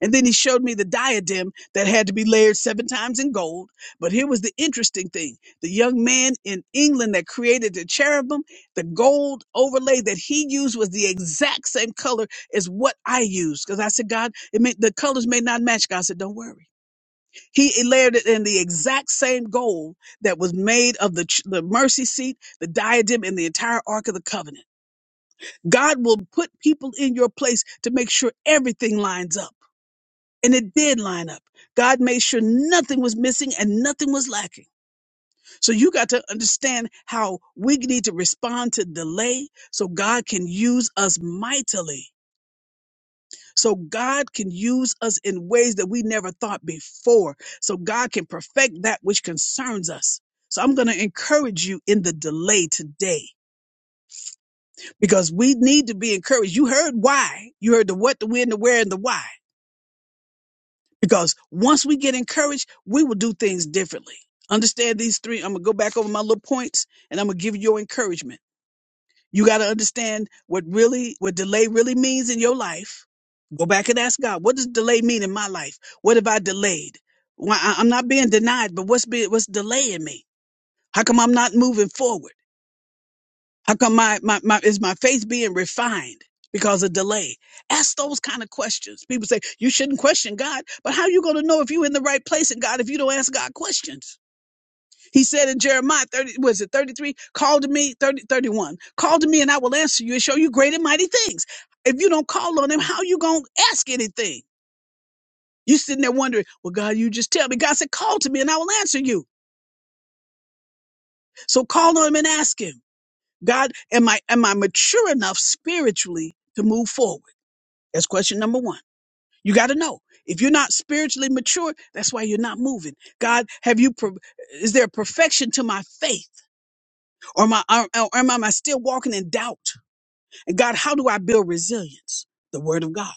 And then he showed me the diadem that had to be layered seven times in gold. But here was the interesting thing the young man in England that created the cherubim, the gold overlay that he used was the exact same color as what I used. Because I said, God, it may, the colors may not match. God said, don't worry. He layered it in the exact same gold that was made of the, ch- the mercy seat, the diadem, and the entire Ark of the Covenant. God will put people in your place to make sure everything lines up and it did line up. God made sure nothing was missing and nothing was lacking. So you got to understand how we need to respond to delay so God can use us mightily. So God can use us in ways that we never thought before. So God can perfect that which concerns us. So I'm going to encourage you in the delay today because we need to be encouraged. You heard why. You heard the what, the when, the where, and the why. Because once we get encouraged, we will do things differently. Understand these three. I'm gonna go back over my little points and I'm gonna give you your encouragement. You gotta understand what really what delay really means in your life. Go back and ask God, what does delay mean in my life? What have I delayed? Why I- I'm not being denied, but what's be, what's delaying me? How come I'm not moving forward? How come my, my, my is my faith being refined because of delay? Ask those kind of questions. People say you shouldn't question God, but how you going to know if you're in the right place in God if you don't ask God questions? He said in Jeremiah 30, was it 33? Call to me, 30, 31. Call to me and I will answer you and show you great and mighty things. If you don't call on him, how you going to ask anything? You sitting there wondering, well, God, you just tell me. God said, call to me and I will answer you. So call on him and ask him. God, am I am I mature enough spiritually to move forward? That's question number one. You got to know if you're not spiritually mature, that's why you're not moving. God, have you? per- Is there perfection to my faith, or my, or, or am I still walking in doubt? And God, how do I build resilience? The Word of God.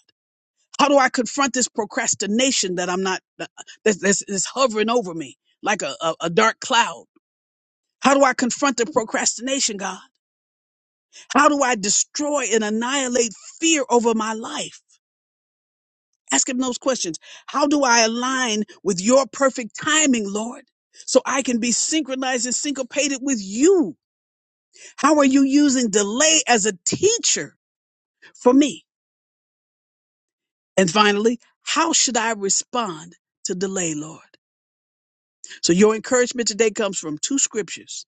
How do I confront this procrastination that I'm not that, that's, that's hovering over me like a, a, a dark cloud? How do I confront the procrastination, God? How do I destroy and annihilate fear over my life? Ask him those questions. How do I align with your perfect timing, Lord? So I can be synchronized and syncopated with you. How are you using delay as a teacher for me? And finally, how should I respond to delay, Lord? So your encouragement today comes from two scriptures,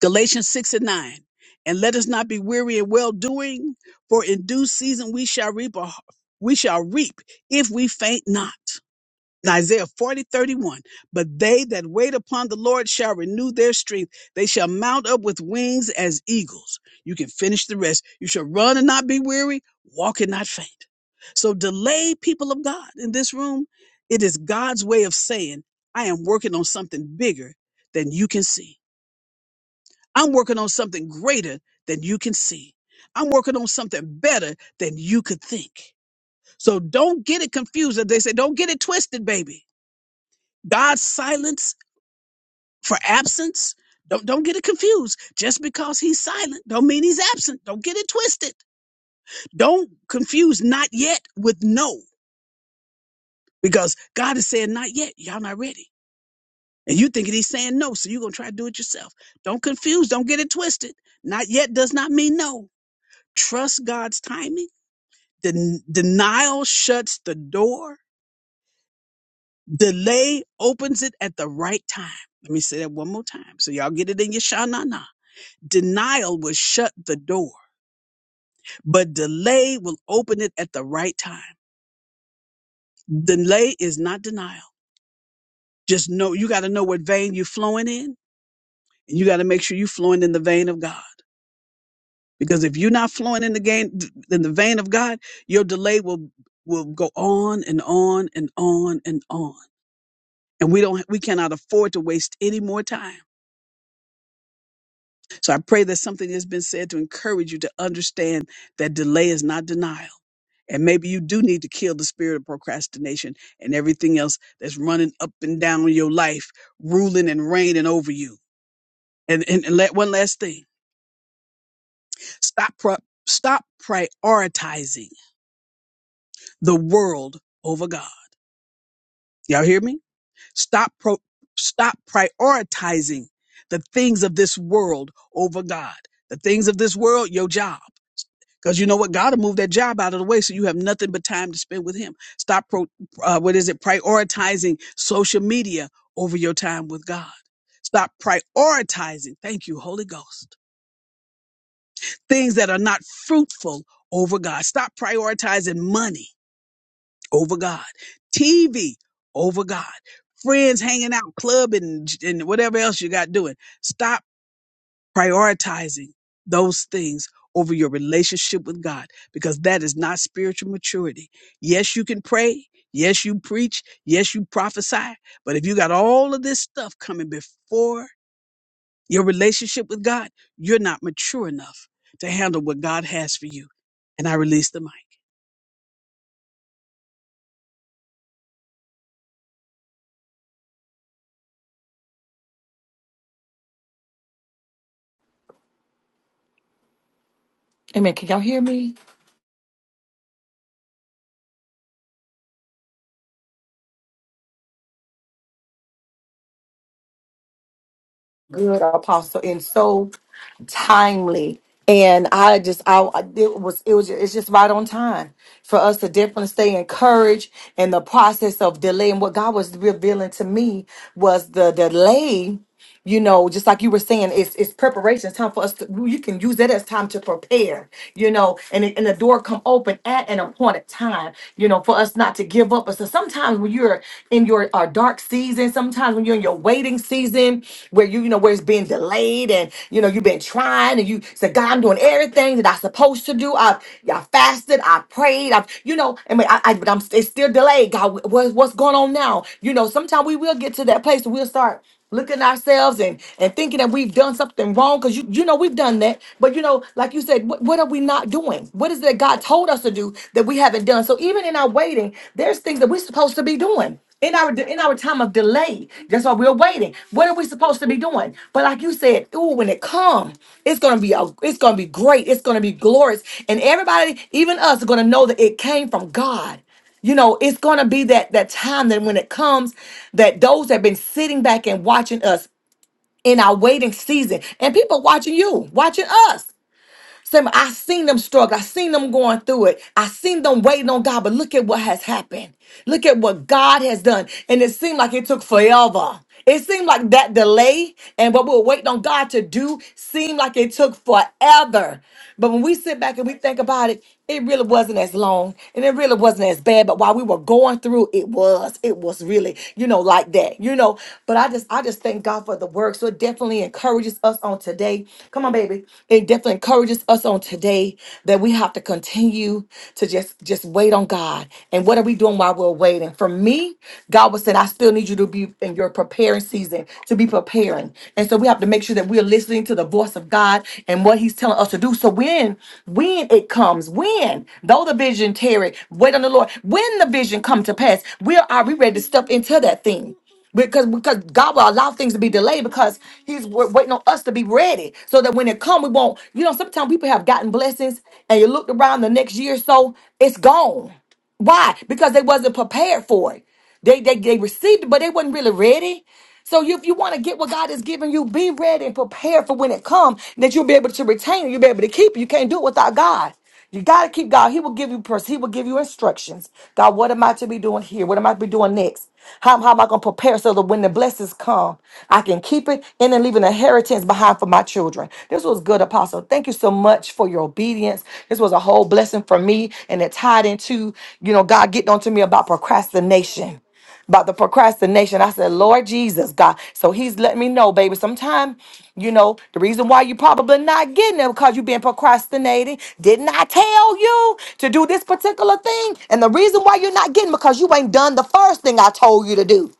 Galatians 6 and 9. And let us not be weary in well doing, for in due season we shall reap a, we shall reap if we faint not. Isaiah 40 31. But they that wait upon the Lord shall renew their strength. They shall mount up with wings as eagles. You can finish the rest. You shall run and not be weary, walk and not faint. So delay, people of God, in this room. It is God's way of saying, I am working on something bigger than you can see. I'm working on something greater than you can see. I'm working on something better than you could think. So don't get it confused. As They say, don't get it twisted, baby. God's silence for absence. Don't don't get it confused. Just because he's silent don't mean he's absent. Don't get it twisted. Don't confuse not yet with no, because God is saying not yet. Y'all not ready. And you thinking he's saying no, so you're gonna try to do it yourself. Don't confuse, don't get it twisted. Not yet does not mean no. Trust God's timing. Den- denial shuts the door. Delay opens it at the right time. Let me say that one more time. So y'all get it in your sha na na. Denial will shut the door, but delay will open it at the right time. Delay is not denial. Just know you got to know what vein you're flowing in, and you got to make sure you're flowing in the vein of God. Because if you're not flowing in the gain, in the vein of God, your delay will will go on and on and on and on. And we don't we cannot afford to waste any more time So I pray that something has been said to encourage you to understand that delay is not denial. And maybe you do need to kill the spirit of procrastination and everything else that's running up and down your life, ruling and reigning over you. And, and, and let one last thing stop, pro- stop prioritizing the world over God. Y'all hear me? Stop, pro- stop prioritizing the things of this world over God. The things of this world, your job. Because you know what? God will move that job out of the way so you have nothing but time to spend with Him. Stop, pro, uh, what is it, prioritizing social media over your time with God. Stop prioritizing, thank you, Holy Ghost, things that are not fruitful over God. Stop prioritizing money over God, TV over God, friends hanging out, club and, and whatever else you got doing. Stop prioritizing those things over your relationship with God because that is not spiritual maturity. Yes, you can pray. Yes, you preach. Yes, you prophesy. But if you got all of this stuff coming before your relationship with God, you're not mature enough to handle what God has for you. And I release the mic. Amen. Can y'all hear me? good apostle and so timely and i just i it was it was it's just right on time for us to definitely stay encouraged in the process of delay and what god was revealing to me was the delay you know just like you were saying it's it's preparation it's time for us to you can use that as time to prepare you know and, it- and the door come open at an appointed time you know for us not to give up sometimes when you're in your uh, dark season, sometimes when you're in your waiting season, where you you know where it's being delayed and you know you've been trying and you said, God, I'm doing everything that I'm supposed to do. I've I fasted, I prayed, I've you know, I mean, I, I but I'm it's still delayed. God, what, what's going on now? You know, sometimes we will get to that place. where We'll start looking ourselves and and thinking that we've done something wrong because you you know we've done that but you know like you said what, what are we not doing what is it that god told us to do that we haven't done so even in our waiting there's things that we're supposed to be doing in our in our time of delay that's why we're waiting what are we supposed to be doing but like you said ooh, when it comes it's gonna be a, it's gonna be great it's gonna be glorious and everybody even us are gonna know that it came from god you know, it's going to be that that time that when it comes that those that have been sitting back and watching us in our waiting season and people watching you, watching us. Saying, I seen them struggle. I seen them going through it. I seen them waiting on God, but look at what has happened. Look at what God has done. And it seemed like it took forever. It seemed like that delay and what we were waiting on God to do seemed like it took forever. But when we sit back and we think about it, it really wasn't as long and it really wasn't as bad but while we were going through it was it was really you know like that you know but i just i just thank god for the work so it definitely encourages us on today come on baby it definitely encourages us on today that we have to continue to just just wait on god and what are we doing while we're waiting for me god was saying i still need you to be in your preparing season to be prepared hearing. And so we have to make sure that we're listening to the voice of God and what He's telling us to do. So when, when it comes, when, though the vision tarry, wait on the Lord. When the vision come to pass, we are are we ready to step into that thing? Because because God will allow things to be delayed because He's wa- waiting on us to be ready so that when it come, we won't. You know, sometimes people have gotten blessings and you looked around the next year or so, it's gone. Why? Because they wasn't prepared for it. They they they received it, but they wasn't really ready. So you, if you want to get what God is giving you, be ready and prepared for when it comes, that you'll be able to retain it, you'll be able to keep it. You can't do it without God. You gotta keep God. He will give you pers- He will give you instructions. God, what am I to be doing here? What am I to be doing next? How, how am I gonna prepare so that when the blessings come, I can keep it and then leave an inheritance behind for my children? This was was good, Apostle. Thank you so much for your obedience. This was a whole blessing for me, and it tied into, you know, God getting onto me about procrastination. About the procrastination, I said, Lord Jesus, God. So He's letting me know, baby. Sometime, you know, the reason why you probably not getting it because you've been procrastinating. Didn't I tell you to do this particular thing? And the reason why you're not getting it because you ain't done the first thing I told you to do.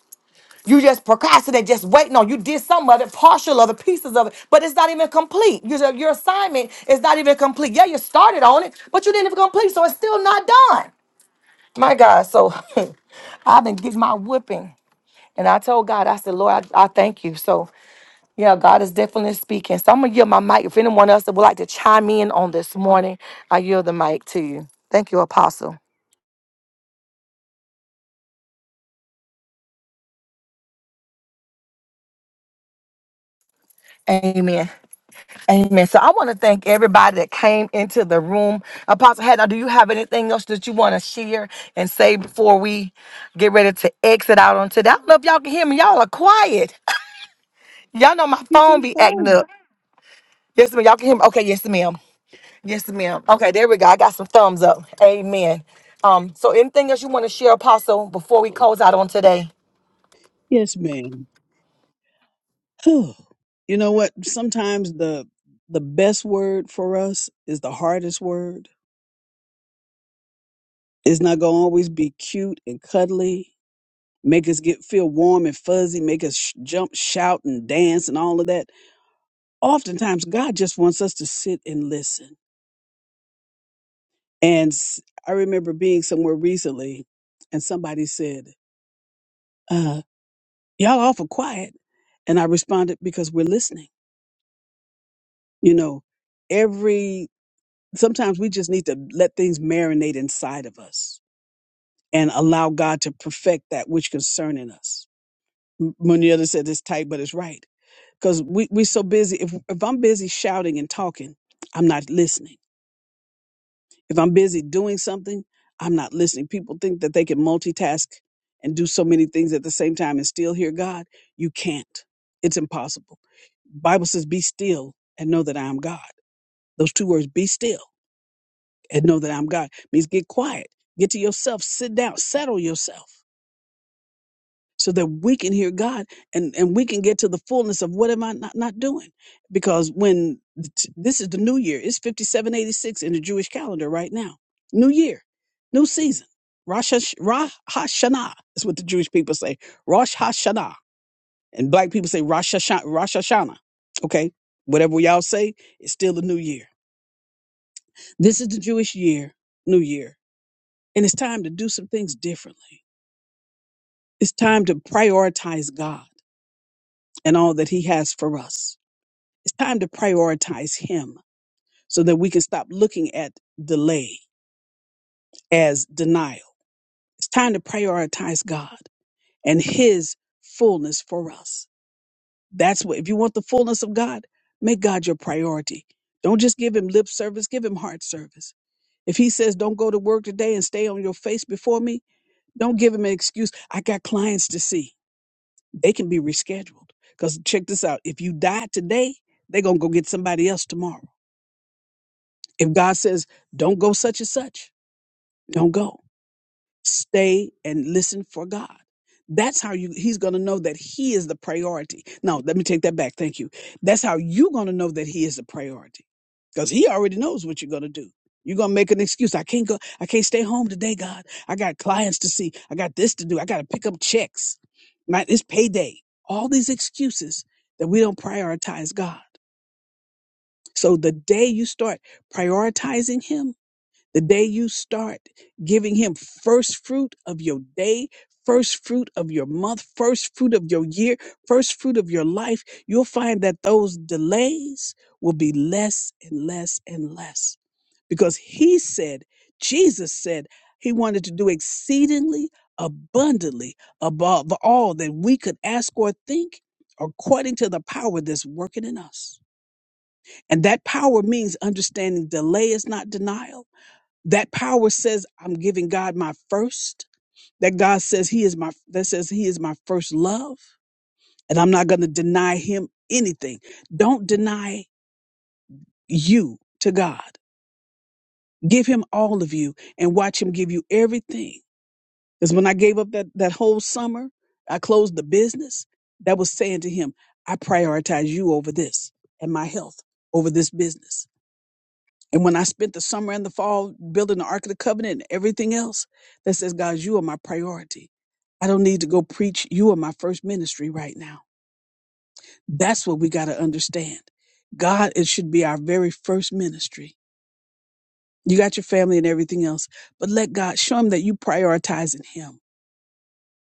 You just procrastinate, just waiting on. You did some of it, partial of it, pieces of it, but it's not even complete. Your, your assignment is not even complete. Yeah, you started on it, but you didn't even complete, so it's still not done. My God, so (laughs) I've been getting my whooping. And I told God, I said, Lord, I, I thank you. So, yeah, God is definitely speaking. So I'm going to yield my mic. If anyone else that would like to chime in on this morning, I yield the mic to you. Thank you, Apostle. Amen. Amen. So I want to thank everybody that came into the room. Apostle Hannah, do you have anything else that you want to share and say before we get ready to exit out on today? I don't know if y'all can hear me. Y'all are quiet. (laughs) Y'all know my You phone just be acting fine. up. Yes, ma'am. Y'all can hear me. Okay, yes, ma'am. Yes, ma'am. Okay, there we go. I got some thumbs up. Amen. Um, so anything else you want to share, Apostle, before we close out on today? Yes, ma'am. (sighs) you know what? Sometimes the the best word for us is the hardest word It's not gonna always be cute and cuddly, make us get feel warm and fuzzy, make us sh- jump, shout, and dance, and all of that. Oftentimes, God just wants us to sit and listen. And s- I remember being somewhere recently, and somebody said, uh, "Y'all awful quiet," and I responded, "Because we're listening." You know, every sometimes we just need to let things marinate inside of us and allow God to perfect that which concerning us. M- Moneta said it's tight, but it's right because we we're so busy. If if I'm busy shouting and talking, I'm not listening. If I'm busy doing something, I'm not listening. People think that they can multitask and do so many things at the same time and still hear God. You can't. It's impossible. Bible says, "Be still and know that I am God." Those two words, "be still" and know that I'm God, means get quiet, get to yourself, sit down, settle yourself. so that we can hear God and, and we can get to the fullness of what am I not, not doing? Because when t- this is the new year, it's 5786 in the Jewish calendar right now. New year, new season. Rosh, Hash- Ra Hashanah is what the Jewish people say. Rosh Hashanah. And black people say Rosh, Hashan- Rosh Hashanah. Okay. Whatever y'all say, it's still the new year. This is the Jewish year, new year. And it's time to do some things differently. It's time to prioritize God and all that he has for us It's time to prioritize Him so that we can stop looking at delay as denial. It's time to prioritize God and His fullness for us. That's what, if you want the fullness of God, make God your priority. Don't just give Him lip service, give Him heart service. If He says, don't go to work today and stay on your face before me, don't give Him an excuse. I got clients to see. They can be rescheduled. Because check this out if you die today, they're going to go get somebody else tomorrow. If God says, don't go such and such, don't go. Stay and listen for God. That's how you, he's going to know that he is the priority. No, let me take that back. Thank you. That's how you're going to know that he is the priority because he already knows what you're going to do. You're going to make an excuse. I can't go. I can't stay home today, God. I got clients to see. I got this to do. I got to pick up checks. My, it's payday. All these excuses that we don't prioritize God. So the day you start prioritizing him, the day you start giving him first fruit of your day, first fruit of your month, first fruit of your year, first fruit of your life, you'll find that those delays will be less and less and less. Because he said, Jesus said, he wanted to do exceedingly abundantly above all that we could ask or think, according to the power that's working in us. And that power means understanding delay is not denial that power says i'm giving god my first that god says he is my that says he is my first love and i'm not going to deny him anything don't deny you to god give him all of you and watch him give you everything because when i gave up that that whole summer i closed the business that was saying to him i prioritize you over this and my health over this business And when I spent the summer and the fall building the Ark of the Covenant and everything else, that says, God, you are my priority. I don't need to go preach. You are my first ministry right now. That's what we got to understand. God, it should be our very first ministry. You got your family and everything else, but let God show him that you prioritizing him.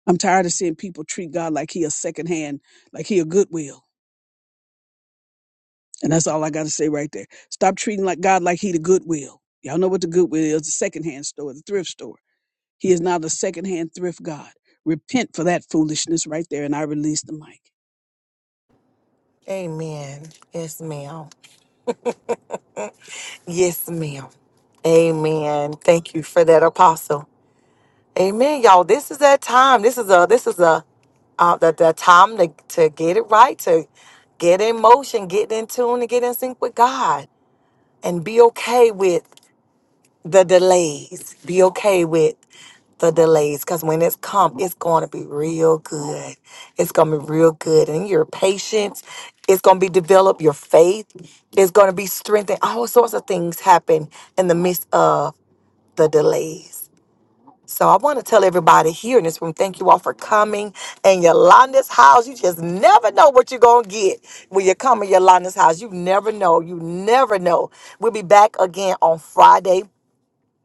I'm tired of seeing people treat God like he a second hand, like he a goodwill. And that's all I got to say right there. Stop treating like God like he the goodwill. Y'all know what the goodwill is, the secondhand store, the thrift store. He is not a secondhand thrift God. Repent for that foolishness right there. And I release the mic. Amen. Yes, ma'am. Yes, ma'am. Amen. Thank you for that, Apostle. Amen, y'all. This is that time. This is a this is a uh, the the time to to get it right, to get in motion, get in tune, and get in sync with God, and be okay with the delays. Be okay with the delays, because when it's come, it's going to be real good. It's going to be real good, and your patience is going to be developed. Your faith is going to be strengthened. All sorts of things happen in the midst of the delays. So I want to tell everybody here in this room, thank you all for coming. And Yolanda's house, you just never know what you're going to get when you come in Yolanda's house. You never know. You never know. We'll be back again on Friday.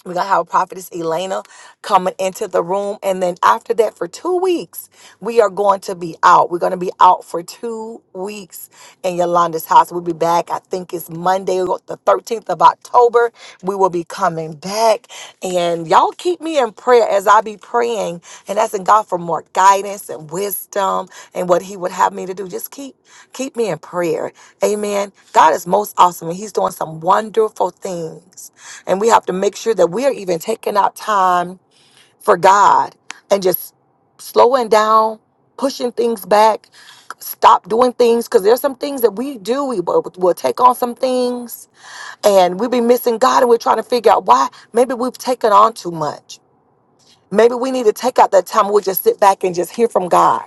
We're gonna have Prophetess Elena coming into the room. And then after that, for two weeks, we are going to be out. We're gonna be out for two weeks in Yolanda's house. We'll be back, I think it's Monday, the 13th of October. We will be coming back. And y'all keep me in prayer as I be praying and asking God for more guidance and wisdom and what He would have me to do. Just keep keep me in prayer. Amen. God is most awesome and He's doing some wonderful things and we have to make sure that we are even taking out time for God and just slowing down, pushing things back, stop doing things. Because there's some things that we do, we will we'll take on some things and we'll be missing God and we're trying to figure out why. Maybe we've taken on too much. Maybe we need to take out that time. We'll just sit back and just hear from God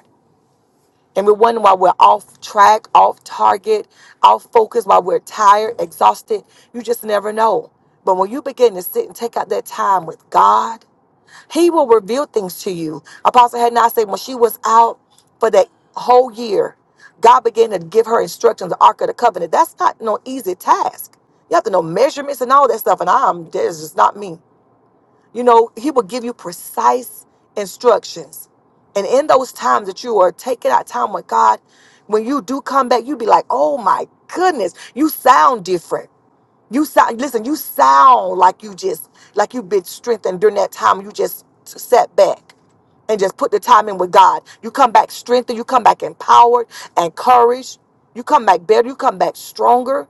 and we're wondering why we're off track, off target, off focus, why we're tired, exhausted. You just never know. But when you begin to sit and take out that time with God, He will reveal things to you. Apostle had not said when she was out for that whole year, God began to give her instructions, the Ark of the Covenant. That's not no easy task. You have to know measurements and all that stuff. And I'm that's just not me. You know, he will give you precise instructions. And in those times that you are taking out time with God, when you do come back, you be like, oh my goodness, you sound different. You sound, listen, you sound like you just, like you've been strengthened during that time. You just sat back and just put the time in with God. You come back strengthened, you come back empowered, and encouraged, you come back better, you come back stronger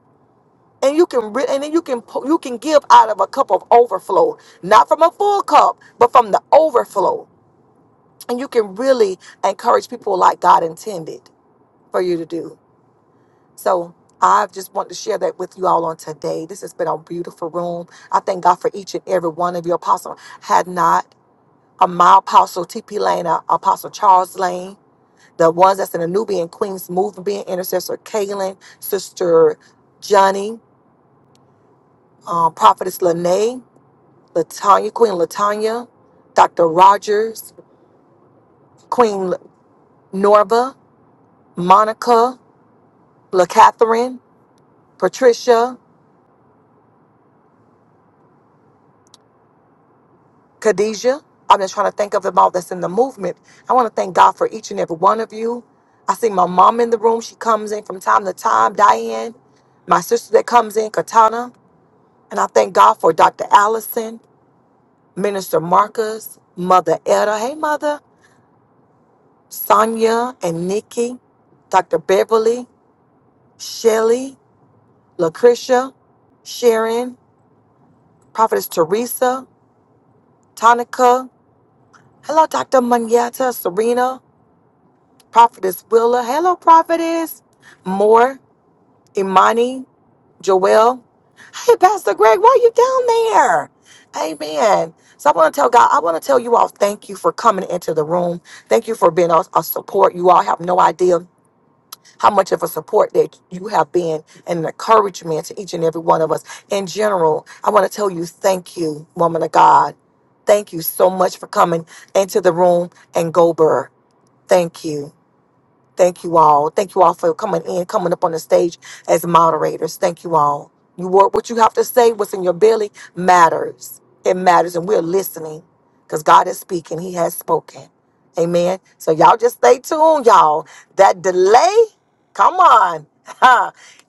and you can re- and then you can pu- you can give out of a cup of overflow not from a full cup but from the overflow and you can really encourage people like god intended for you to do so i just want to share that with you all on today this has been a beautiful room i thank god for each and every one of you apostle had not a my apostle tp lane uh, apostle charles lane the ones that's in the nubian queens movement being intercessor kaylin sister johnny um, prophetess lene Latanya, Queen Latanya, Dr. Rogers, Queen Norva, Monica, La Catherine, Patricia, Khadijah. I'm just trying to think of them all that's in the movement. I want to thank God for each and every one of you. I see my mom in the room. She comes in from time to time, Diane, my sister that comes in, Katana. And I thank God for Dr. Allison, Minister Marcus, Mother Etta. Hey, Mother. Sonia and Nikki, Dr. Beverly, Shelly. Lucretia, Sharon, Prophetess Teresa, Tonica. Hello, Dr. Manyata, Serena, Prophetess Willa. Hello, Prophetess. Moore, Imani, Joelle. Hey, Pastor Greg, why are you down there? Amen. So I want to tell God, I want to tell you all thank you for coming into the room. Thank you for being a, a support. You all have no idea. how much of a support that you have been and an encouragement to each and every one of us. In general, I want to tell you thank you, woman of God. Thank you so much for coming into the room and Goldberg. Thank you. Thank you all. Thank you all for coming in, coming up on the stage as moderators. Thank you all. You were what you have to say, what's in your belly matters. It matters, and we're listening because God is speaking. He has spoken. Amen. So y'all just stay tuned, y'all. That delay, come on. (laughs)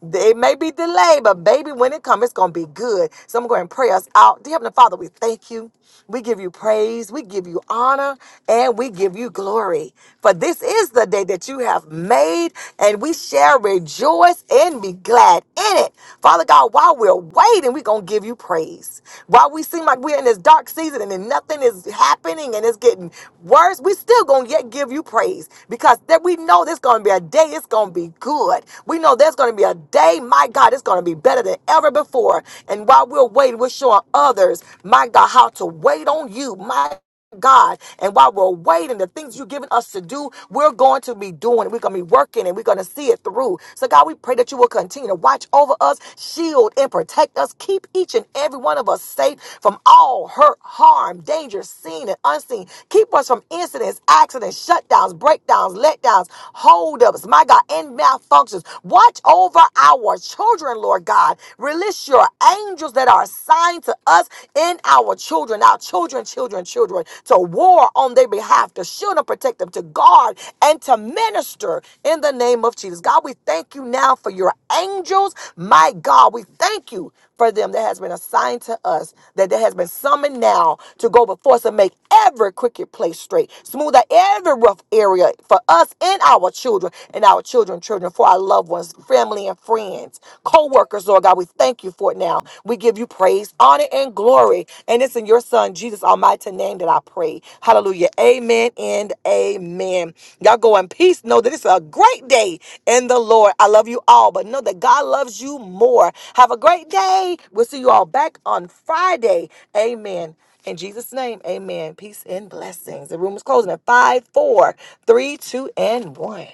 It may be delayed, but baby, when it comes, it's gonna be good. So I'm going to pray us out. Dear Heavenly Father, we thank you. We give you praise, we give you honor, and we give you glory. For this is the day that you have made, and we shall rejoice and be glad in it. Father God, while we're waiting, we're gonna give you praise. While we seem like we're in this dark season and then nothing is happening and it's getting worse, we still gonna yet give you praise because that we know there's gonna be a day, it's gonna be good. We know know there's going to be a day, my God, it's going to be better than ever before. And while we're waiting, we're showing others, my God, how to wait on you, my God. And while we're waiting, the things you've given us to do, we're going to be doing it. We're going to be working and we're going to see it through. So, God, we pray that you will continue to watch over us, shield and protect us, keep each and every one of us safe from all hurt, harm, danger, seen and unseen. Keep us from incidents, accidents, shutdowns, breakdowns, letdowns, holdups, my God, and malfunction functions. Watch over our children, Lord God. Release your angels that are assigned to us in our children, our children, children, children, to war on their behalf, to shield and protect them, to guard and to minister in the name of Jesus. God, we thank you now for your angels. My God, we thank you for them that has been assigned to us, that that has been summoned now to go before us and make every crooked place straight, smooth out every rough area for us and our children and our our children, children, for our loved ones, family and friends, co workers, Lord God. We thank you for it now. We give you praise, honor, and glory. And it's in your Son, Jesus Almighty name, that I pray. Hallelujah. Amen and amen. Y'all go in peace. Know that it's a great day in the Lord. I love you all, but know that God loves you more. Have a great day. We'll see you all back on Friday. Amen. In Jesus' name, amen. Peace and blessings. The room is closing at 5, 4, 3, 2, and 1.